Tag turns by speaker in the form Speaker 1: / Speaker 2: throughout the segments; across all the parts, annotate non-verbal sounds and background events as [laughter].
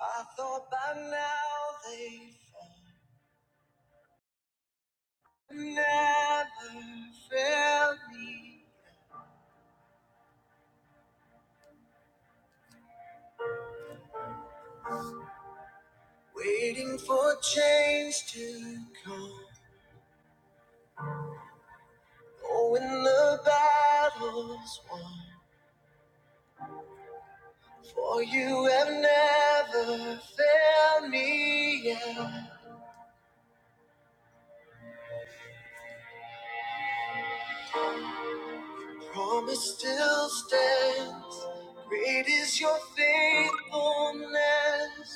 Speaker 1: I thought by now they'd fall. Never failed me. Waiting for change to come. Oh, when the battle's won. For you have never failed me yet. Promise still stands. Great is your faithfulness.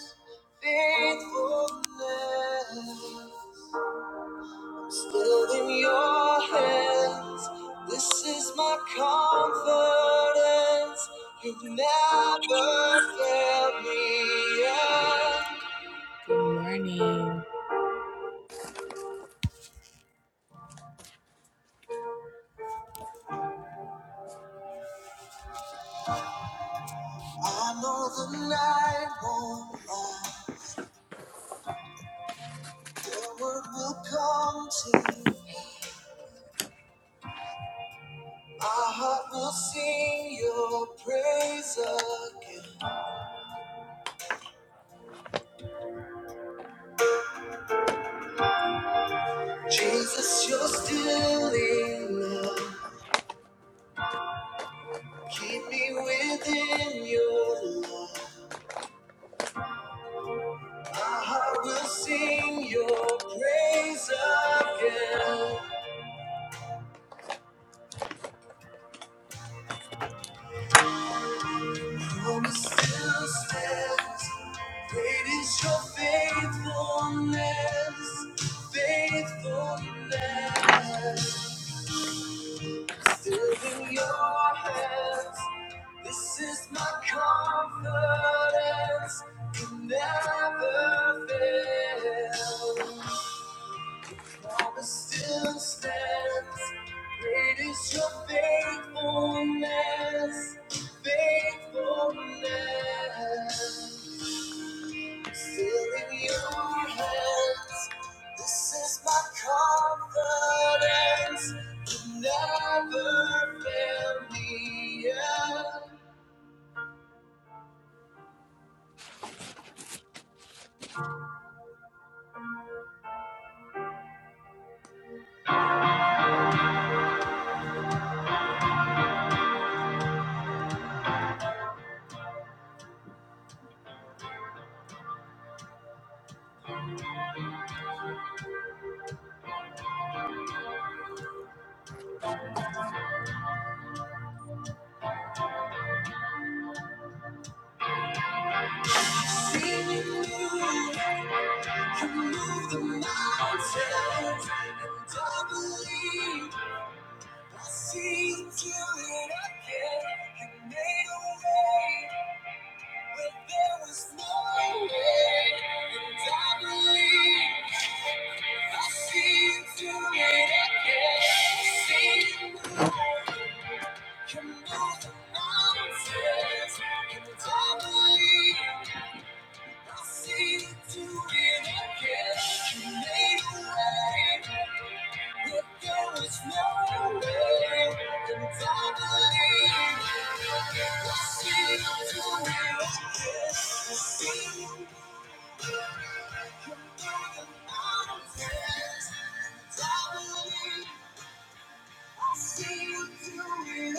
Speaker 1: Faithfulness. Still in your hands, this is my confidence. You've never failed me yet. Good morning. I know the night won't last. Your word will come to. My heart will sing your praise again. Jesus, you're still enough. Keep me within your love. My heart will sing your praise again. Promise still stands. Great is your faithfulness, faithfulness. Still in your hands. This is my confidence. You never fail. promise still stands. Great is your faithfulness, faithfulness. Still in your hands, this is my confidence. You never fail me yet. Seeing You move, you move the mountains, and I believe. I see you do it again. You made a way where there was no way. And I believe I see you do it again. I see you move. You move the mountains. And I believe I see you do it again. You made a way. If there is no way, then I believe I see you do it. See you through the mountains. I believe I see you do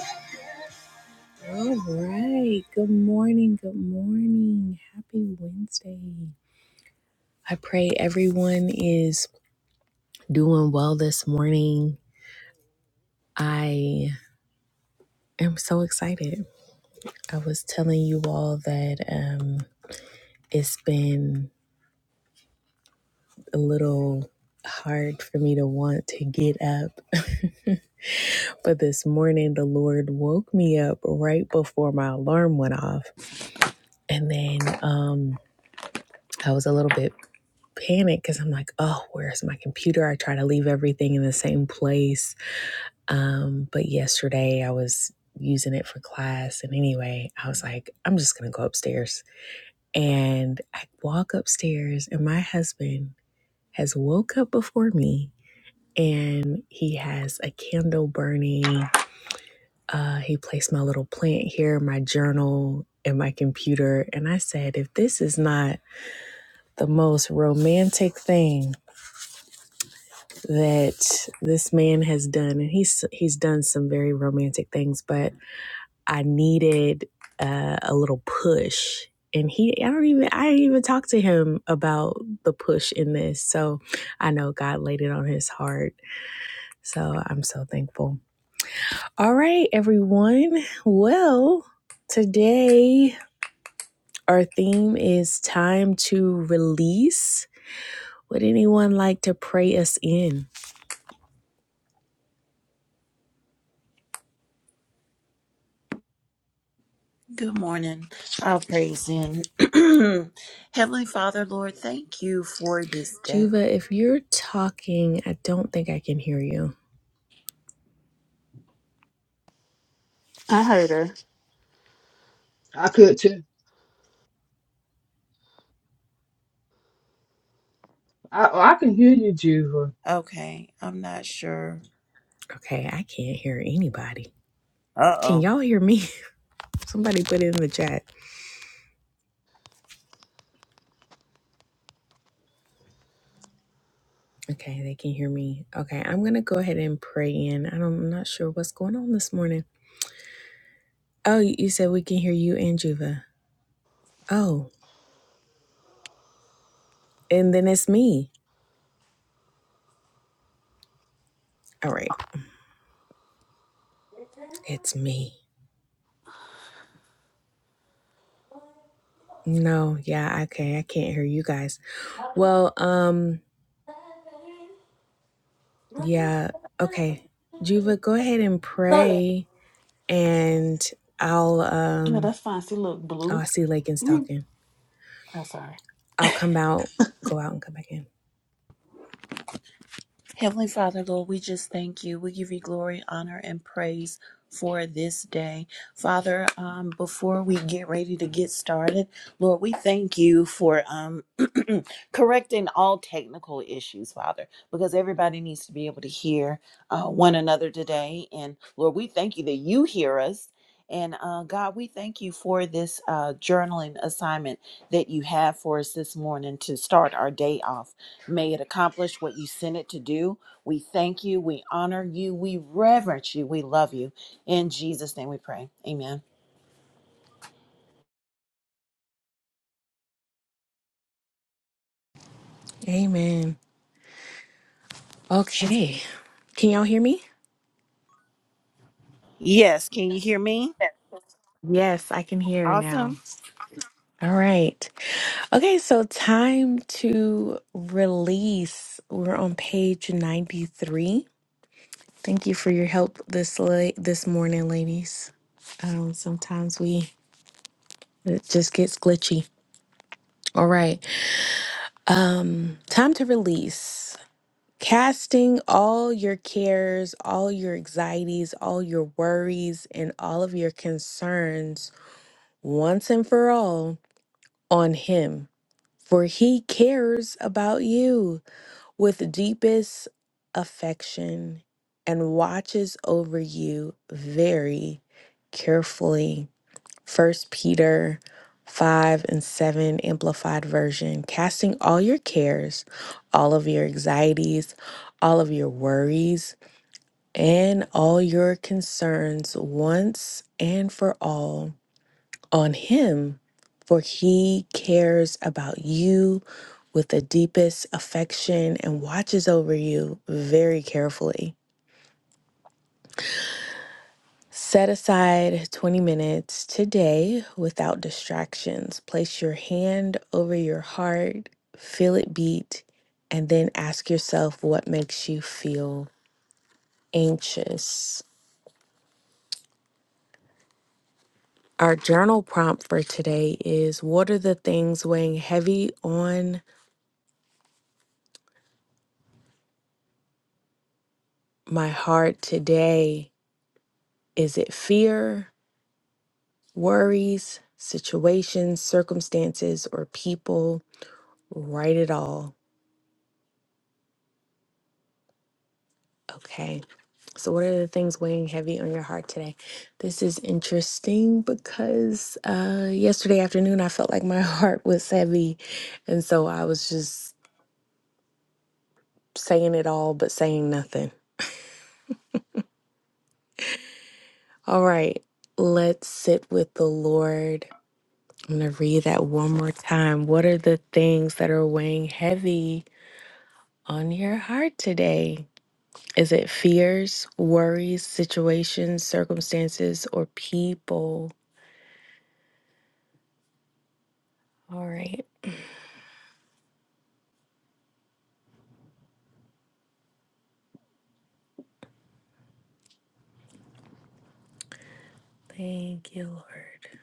Speaker 1: it. All right. Good morning. Good morning. Happy Wednesday. I pray everyone is doing well this morning. I am so excited. I was telling you all that um, it's been a little hard for me to want to get up. [laughs] but this morning, the Lord woke me up right before my alarm went off. And then um, I was a little bit panicked because I'm like, oh, where's my computer? I try to leave everything in the same place. Um, but yesterday, I was using it for class. And anyway, I was like, I'm just going to go upstairs And I walk upstairs, and my husband has woke up before me and he has a candle burning. Uh, he placed my little plant here, my journal, and my computer. And I said, if this is not the most romantic thing that this man has done, and he's he's done some very romantic things, but. I needed uh, a little push. And he, I don't even, I didn't even talk to him about the push in this. So I know God laid it on his heart. So I'm so thankful. All right, everyone. Well, today our theme is time to release. Would anyone like to pray us in?
Speaker 2: Good morning. I'll praise in. [clears throat] Heavenly Father, Lord, thank you for this day.
Speaker 1: Juva, if you're talking, I don't think I can hear you.
Speaker 3: I heard her.
Speaker 4: I could too. I oh, I can hear you, Juva.
Speaker 2: Okay, I'm not sure.
Speaker 1: Okay, I can't hear anybody.
Speaker 2: Uh
Speaker 1: Can
Speaker 2: oh.
Speaker 1: y'all hear me? Somebody put it in the chat. Okay, they can hear me. Okay, I'm gonna go ahead and pray in. I don't, I'm not sure what's going on this morning. Oh, you you said we can hear you and Juva. Oh, and then it's me. All right, it's me. No, yeah, okay, I can't hear you guys. Well, um, yeah, okay, Juva, go ahead and
Speaker 3: Look,
Speaker 1: pray, and I'll
Speaker 3: yeah,
Speaker 1: um,
Speaker 3: that's fine. See, look,
Speaker 1: oh,
Speaker 3: blue.
Speaker 1: I see Lakin's
Speaker 3: Mm.
Speaker 1: talking.
Speaker 3: I'm sorry.
Speaker 1: I'll come out, go out, and come back in.
Speaker 2: Heavenly Father, Lord, we just thank you. We give you glory, honor, and praise for this day. Father, um, before we get ready to get started, Lord, we thank you for um, [clears throat] correcting all technical issues, Father, because everybody needs to be able to hear uh, one another today. And Lord, we thank you that you hear us. And uh, God, we thank you for this uh, journaling assignment that you have for us this morning to start our day off. May it accomplish what you sent it to do. We thank you. We honor you. We reverence you. We love you. In Jesus' name we pray. Amen.
Speaker 1: Amen. Okay, can y'all hear me?
Speaker 2: Yes, can you hear me?
Speaker 1: Yes, I can hear now.
Speaker 2: Awesome.
Speaker 1: All right. Okay, so time to release. We're on page 93. Thank you for your help this late this morning, ladies. Um, sometimes we it just gets glitchy. All right. Um, time to release. Casting all your cares, all your anxieties, all your worries, and all of your concerns once and for all on him for he cares about you with deepest affection and watches over you very carefully. First Peter 5 and 7 Amplified Version Casting all your cares, all of your anxieties, all of your worries, and all your concerns once and for all on Him, for He cares about you with the deepest affection and watches over you very carefully. Set aside 20 minutes today without distractions. Place your hand over your heart, feel it beat, and then ask yourself what makes you feel anxious. Our journal prompt for today is What are the things weighing heavy on my heart today? Is it fear, worries, situations, circumstances, or people? Write it all. Okay. So, what are the things weighing heavy on your heart today? This is interesting because uh, yesterday afternoon I felt like my [laughs] heart was heavy. And so I was just saying it all, but saying nothing. All right. Let's sit with the Lord. I'm going to read that one more time. What are the things that are weighing heavy on your heart today? Is it fears, worries, situations, circumstances, or people? All right. Thank you, Lord.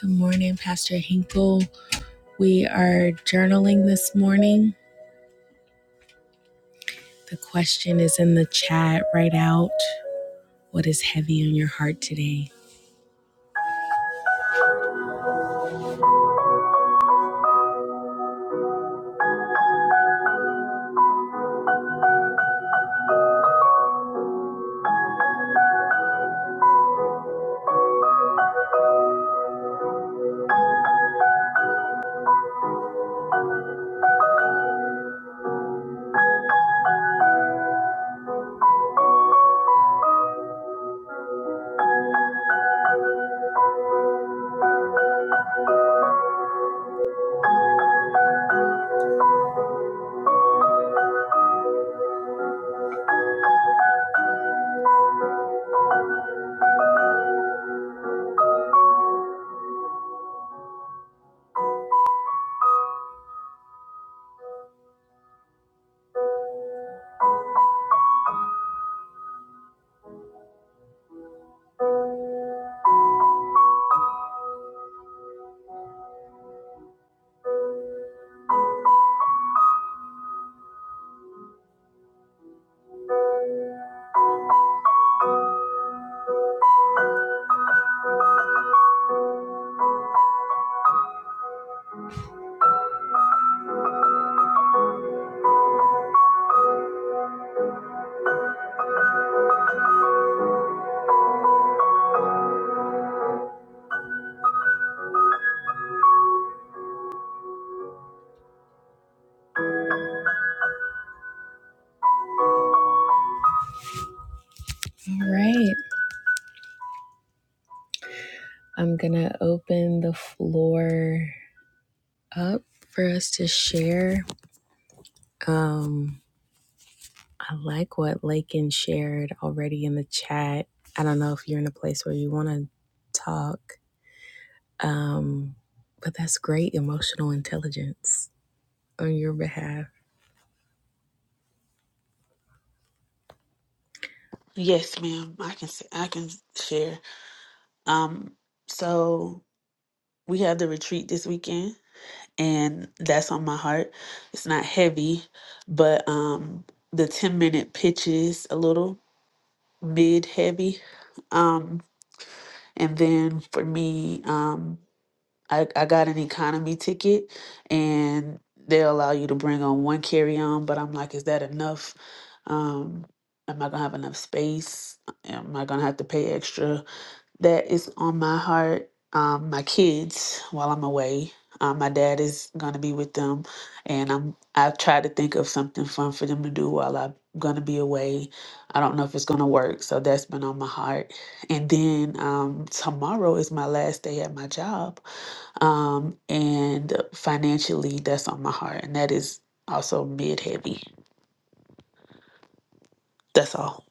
Speaker 1: Good morning, Pastor Hinkle. We are journaling this morning. The question is in the chat Write out. What is heavy on your heart today? All right. I'm going to open the floor up for us to share. Um, I like what Lakin shared already in the chat. I don't know if you're in a place where you want to talk, um, but that's great emotional intelligence on your behalf.
Speaker 3: Yes, ma'am. I can s- I can share. Um, so we have the retreat this weekend, and that's on my heart. It's not heavy, but um, the ten minute pitch is a little mid heavy. Um, and then for me, um, I, I got an economy ticket and they'll allow you to bring on one carry on, but I'm like, is that enough? Um, am I gonna have enough space? Am I gonna have to pay extra? That is on my heart. Um, my kids while I'm away. Um, my dad is gonna be with them and I'm I've tried to think of something fun for them to do while I'm gonna be away. I don't know if it's gonna work, so that's been on my heart. And then um, tomorrow is my last day at my job um, and financially, that's on my heart. And that is also mid heavy. That's all.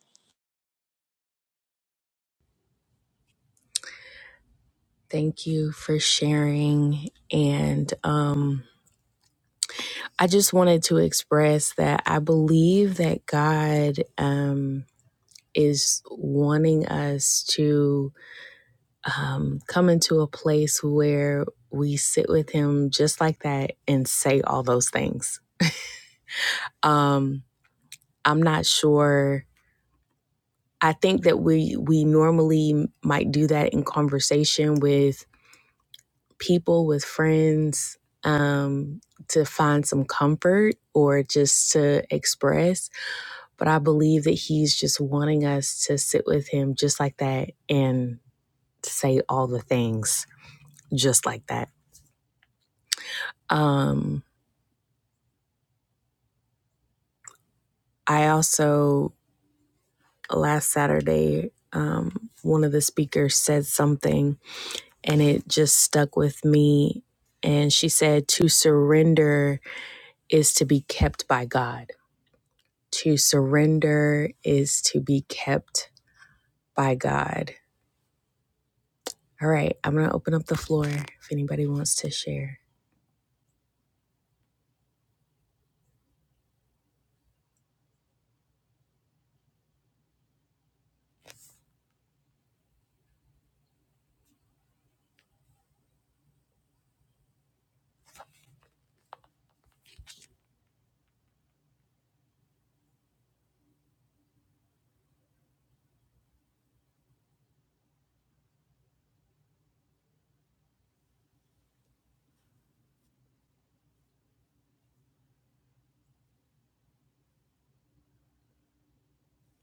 Speaker 1: Thank you for sharing. And um, I just wanted to express that I believe that God um, is wanting us to um, come into a place where we sit with Him just like that and say all those things Um, I'm not sure. I think that we we normally might do that in conversation with people, with friends, um, to find some comfort or just to express. But I believe that he's just wanting us to sit with him just like that and say all the things just like that. Um, I also last Saturday, um, one of the speakers said something and it just stuck with me. And she said, To surrender is to be kept by God. To surrender is to be kept by God. All right, I'm going to open up the floor if anybody wants to share.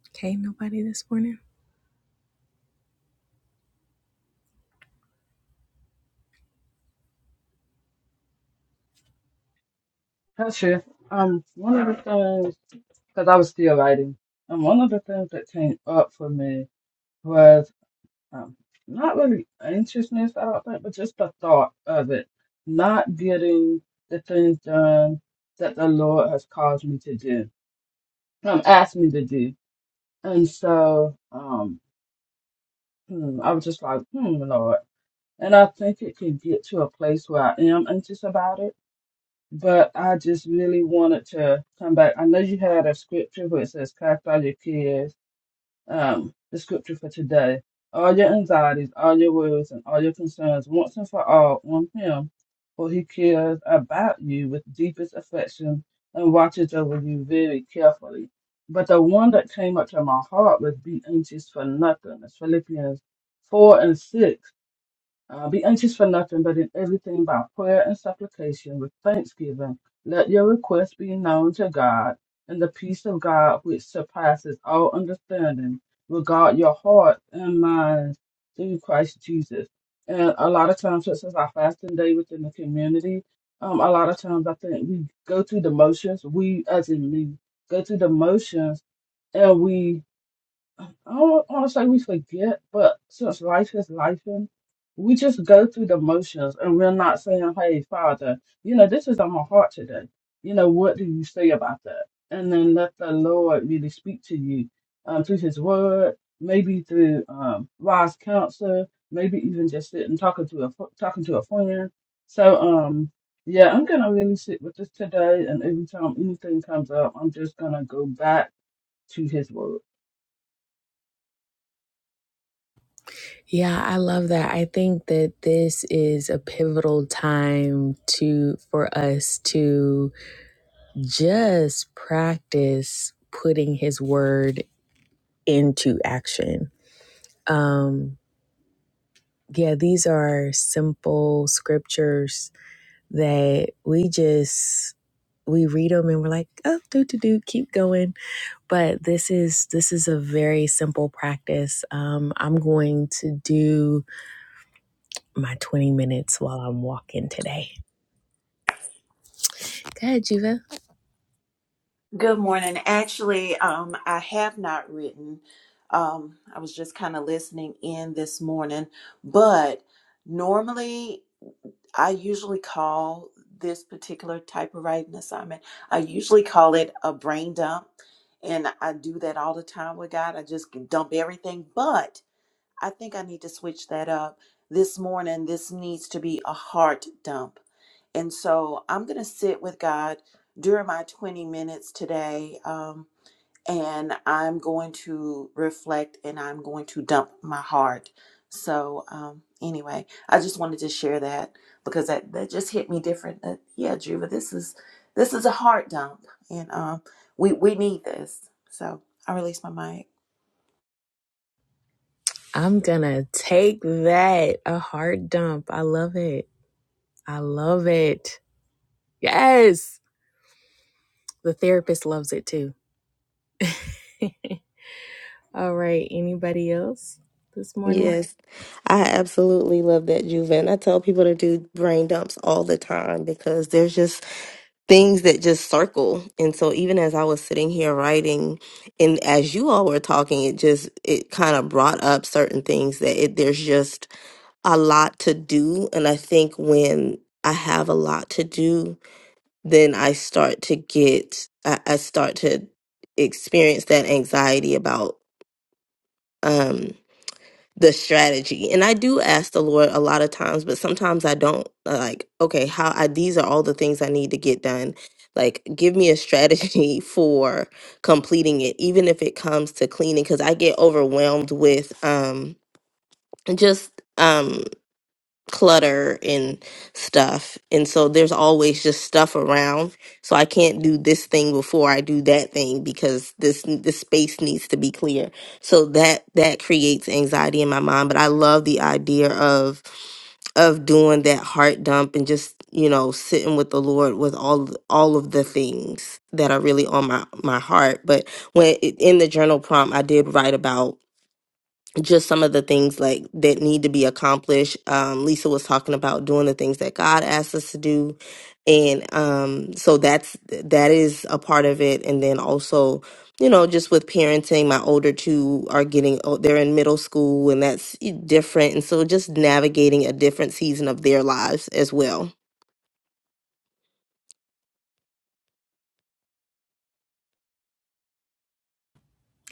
Speaker 1: Okay, nobody this morning?
Speaker 4: That's it. Um, one of the things, because I was still writing, and one of the things that came up for me was um, not really anxiousness, I don't think, but just the thought of it, not getting the things done that the Lord has caused me to do, um, asked me to do. And so, um, hmm, I was just like, hmm, Lord. And I think it can get to a place where I am anxious about it but I just really wanted to come back. I know you had a scripture where it says, Cast all your cares, um, the scripture for today. All your anxieties, all your worries, and all your concerns once and for all on Him, for He cares about you with deepest affection and watches over you very carefully. But the one that came up to my heart was be anxious for nothing. That's Philippians 4 and 6 uh, be anxious for nothing, but in everything by prayer and supplication with thanksgiving. Let your requests be known to God, and the peace of God, which surpasses all understanding, will guard your heart and minds through Christ Jesus. And a lot of times, this is our fasting day within the community. Um, a lot of times, I think we go through the motions. We, as in me, go through the motions, and we I don't want to say we forget, but since life is life, and we just go through the motions and we're not saying, hey, Father, you know, this is on my heart today. You know, what do you say about that? And then let the Lord really speak to you um, through his word, maybe through um, wise counsel, maybe even just sitting talking to a fr- talking to a friend. So, um, yeah, I'm gonna really sit with this today, and every time anything comes up, I'm just gonna go back to his word.
Speaker 1: Yeah, I love that. I think that this is a pivotal time to for us to just practice putting his word into action. Um yeah, these are simple scriptures that we just we read them and we're like, oh, do do do, keep going. But this is this is a very simple practice. Um, I'm going to do my 20 minutes while I'm walking today. Good, Juva.
Speaker 2: Good morning. Actually, um, I have not written. Um, I was just kind of listening in this morning, but normally. I usually call this particular type of writing assignment, I usually call it a brain dump. And I do that all the time with God. I just can dump everything. But I think I need to switch that up. This morning, this needs to be a heart dump. And so I'm going to sit with God during my 20 minutes today. Um, and I'm going to reflect and I'm going to dump my heart. So, um, anyway, I just wanted to share that because that, that just hit me different. Uh, yeah, Juva, this is this is a heart dump, and um, we we need this. So I release my mic.
Speaker 1: I'm gonna take that a hard dump. I love it. I love it. Yes, the therapist loves it too. [laughs] All right, anybody else this morning?
Speaker 5: Yes, I absolutely love that, Juven. I tell people to do brain dumps all the time because there's just things that just circle. And so even as I was sitting here writing and as you all were talking, it just it kind of brought up certain things that it, there's just a lot to do. And I think when I have a lot to do, then I start to get, I, I start to experience that anxiety about, um, the strategy and i do ask the lord a lot of times but sometimes i don't uh, like okay how i these are all the things i need to get done like give me a strategy [laughs] for completing it even if it comes to cleaning because i get overwhelmed with um just um clutter and stuff. And so there's always just stuff around. So I can't do this thing before I do that thing because this this space needs to be clear. So that that creates anxiety in my mind, but I love the idea of of doing that heart dump and just, you know, sitting with the Lord with all all of the things that are really on my my heart. But when in the journal prompt I did write about just some of the things like that need to be accomplished. Um, Lisa was talking about doing the things that God asks us to do, and um, so that's that is a part of it. And then also, you know, just with parenting, my older two are getting oh, they're in middle school, and that's eh, different. And so, just navigating a different season of their lives as well.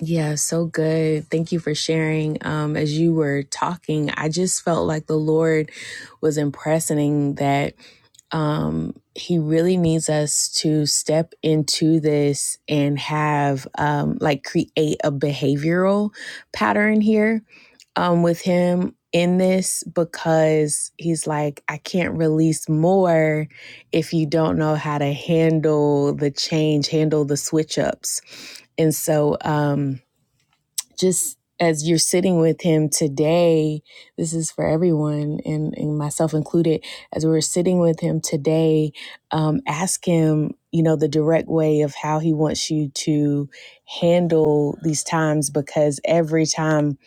Speaker 1: Yeah, so good. Thank you for sharing. Um, as you were talking, I just felt like the Lord was impressing that um, He really needs us to step into this and have, um, like, create a behavioral pattern here um, with Him in this because He's like, I can't release more if you don't know how to handle the change, handle the switch ups. And so, um, just as you're sitting with him today, this is for everyone and, and myself included, as we're sitting with him today, um, ask him, you know, the direct way of how he wants you to handle these times because every time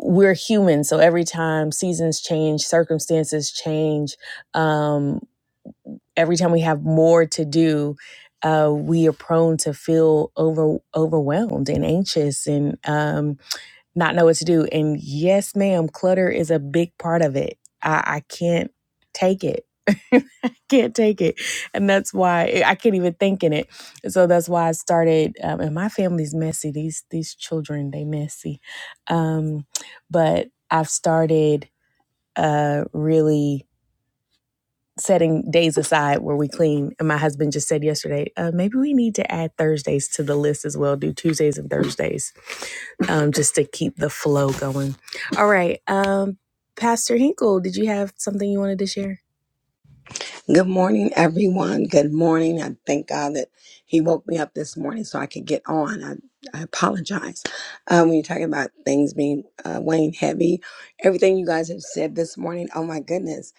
Speaker 1: we're human. So every time seasons change, circumstances change, um, every time we have more to do, uh, we are prone to feel over overwhelmed and anxious and um, not know what to do. And yes, ma'am, clutter is a big part of it. I, I can't take it. [laughs] I can't take it. And that's why eh, I can't even think in it. So that's why I started um, and my family's messy. These these children, they messy. Um, but I've started uh really setting days aside where we clean. And my husband just said yesterday, uh, maybe we need to add Thursdays to the list as well. Do Tuesdays and Thursdays um, just to keep the flow going. All right. Um, Pastor Hinkle, did you have something you wanted to share?
Speaker 6: Good morning, everyone. Good morning. I thank God that He woke me up this morning so I could get on. I, I apologize. Uh, when you're talking about things being uh, weighing heavy, everything you guys have said this morning, oh my goodness,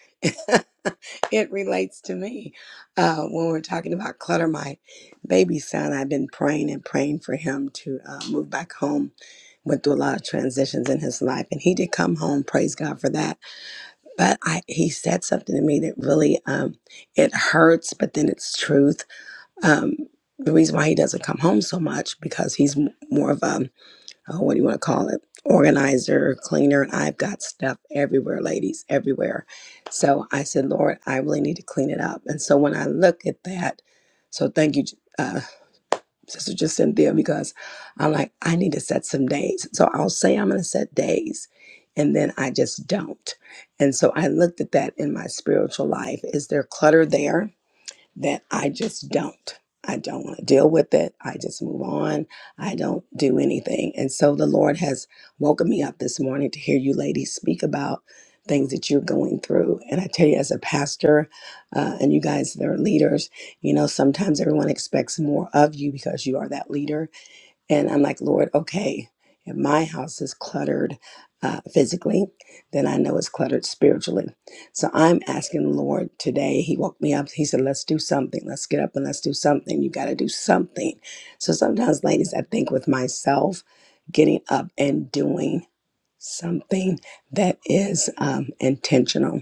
Speaker 6: [laughs] it relates to me. Uh, when we're talking about clutter, my baby son, I've been praying and praying for him to uh, move back home. Went through a lot of transitions in his life, and he did come home. Praise God for that but I, he said something to me that really um, it hurts but then it's truth um, the reason why he doesn't come home so much because he's m- more of a oh, what do you want to call it organizer cleaner and i've got stuff everywhere ladies everywhere so i said lord i really need to clean it up and so when i look at that so thank you Sister Cynthia, because I'm like, I need to set some days. So I'll say I'm going to set days, and then I just don't. And so I looked at that in my spiritual life. Is there clutter there? that I just don't. I don't want to deal with it. I just move on. I don't do anything. And so the Lord has woken me up this morning to hear you ladies speak about things that you're going through. And I tell you, as a pastor, uh, and you guys that are leaders, you know, sometimes everyone expects more of you because you are that leader and I'm like, Lord, okay, if my house is cluttered uh, physically, then I know it's cluttered spiritually. So I'm asking the Lord today. He woke me up. He said, Let's do something. Let's get up and let's do something. You got to do something. So sometimes, ladies, I think with myself, getting up and doing something that is um, intentional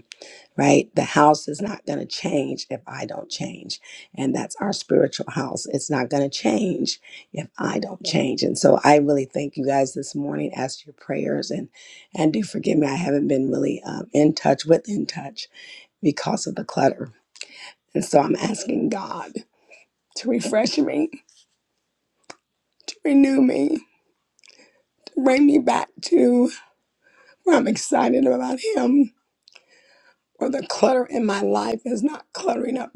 Speaker 6: right? The house is not going to change if I don't change. And that's our spiritual house. It's not going to change if I don't change. And so I really thank you guys this morning. Ask for your prayers and and do forgive me. I haven't been really um, in touch with in touch because of the clutter. And so I'm asking God to refresh me, to renew me, to bring me back to where I'm excited about Him, where the clutter in my life is not cluttering up,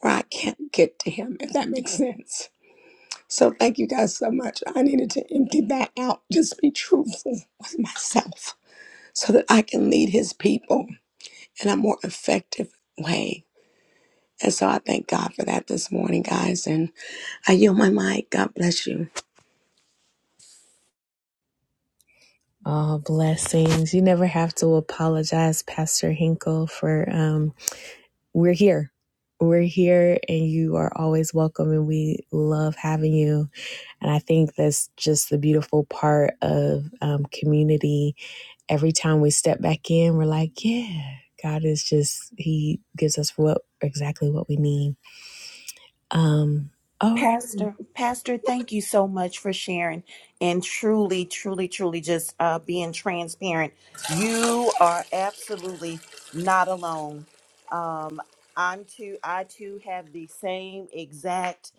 Speaker 6: where I can't get to Him, if that makes sense. So thank you guys so much. I needed to empty that out, just be truthful with myself so that I can lead his people in a more effective way. And so I thank God for that this morning, guys. And I yield my mic. God bless you.
Speaker 1: Oh, blessings. You never have to apologize, Pastor Hinkle, for um, we're here. We're here and you are always welcome, and we love having you. And I think that's just the beautiful part of um, community every time we step back in, we're like, yeah, God is just, He gives us what exactly what we need. Um, all right.
Speaker 2: Pastor, Pastor, thank you so much for sharing and truly, truly, truly just uh, being transparent. You are absolutely not alone. Um, I'm too, I too have the same exact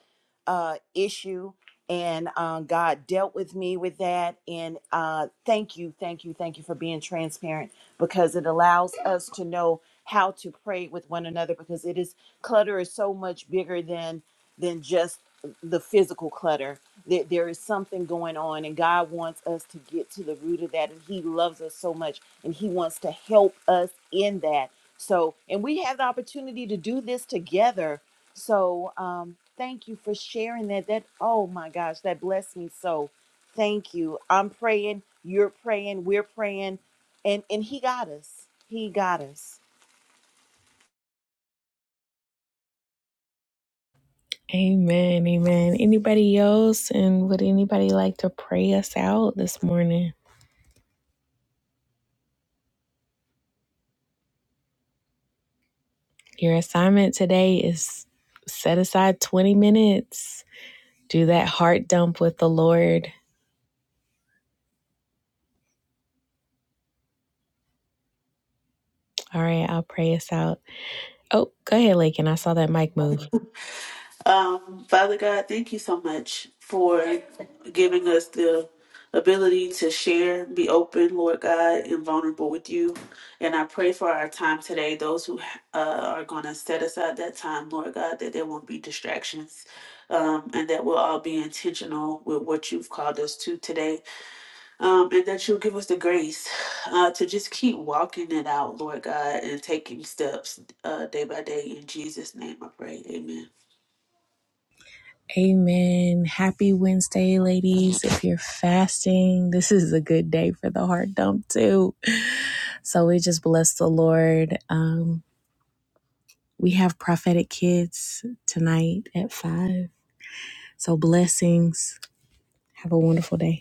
Speaker 2: uh, issue, and uh, God dealt with me with that. And uh, thank you, thank you, thank you for being transparent because it allows us to know how to pray with one another because it is clutter is so much bigger than than just um, the physical clutter that there is something going on and god wants us to get to the root of that and he loves us so much and he wants to help us in that so and we have the opportunity to do this together so um thank you for sharing that that oh my gosh that blessed me so thank you i'm praying you're praying we're praying and and he got us he got us
Speaker 1: Amen. Amen. Anybody else? And would anybody like to pray us out this morning? Your assignment today is set aside 20 minutes. Do that heart dump with the Lord. All right, I'll pray us out. Oh, go ahead, Lakin. I saw that mic move.
Speaker 3: Um, Father God, thank you so much for giving us the ability to share, be open, Lord God, and vulnerable with you. And I pray for our time today, those who uh, are going to set aside that time, Lord God, that there won't be distractions um, and that we'll all be intentional with what you've called us to today. Um, and that you'll give us the grace uh, to just keep walking it out, Lord God, and taking steps uh, day by day. In Jesus' name I pray. Amen.
Speaker 1: Amen. Happy Wednesday, ladies. If you're fasting, this is a good day for the heart dump, too. So we just bless the Lord. Um, we have prophetic kids tonight at five. So blessings. Have a wonderful day.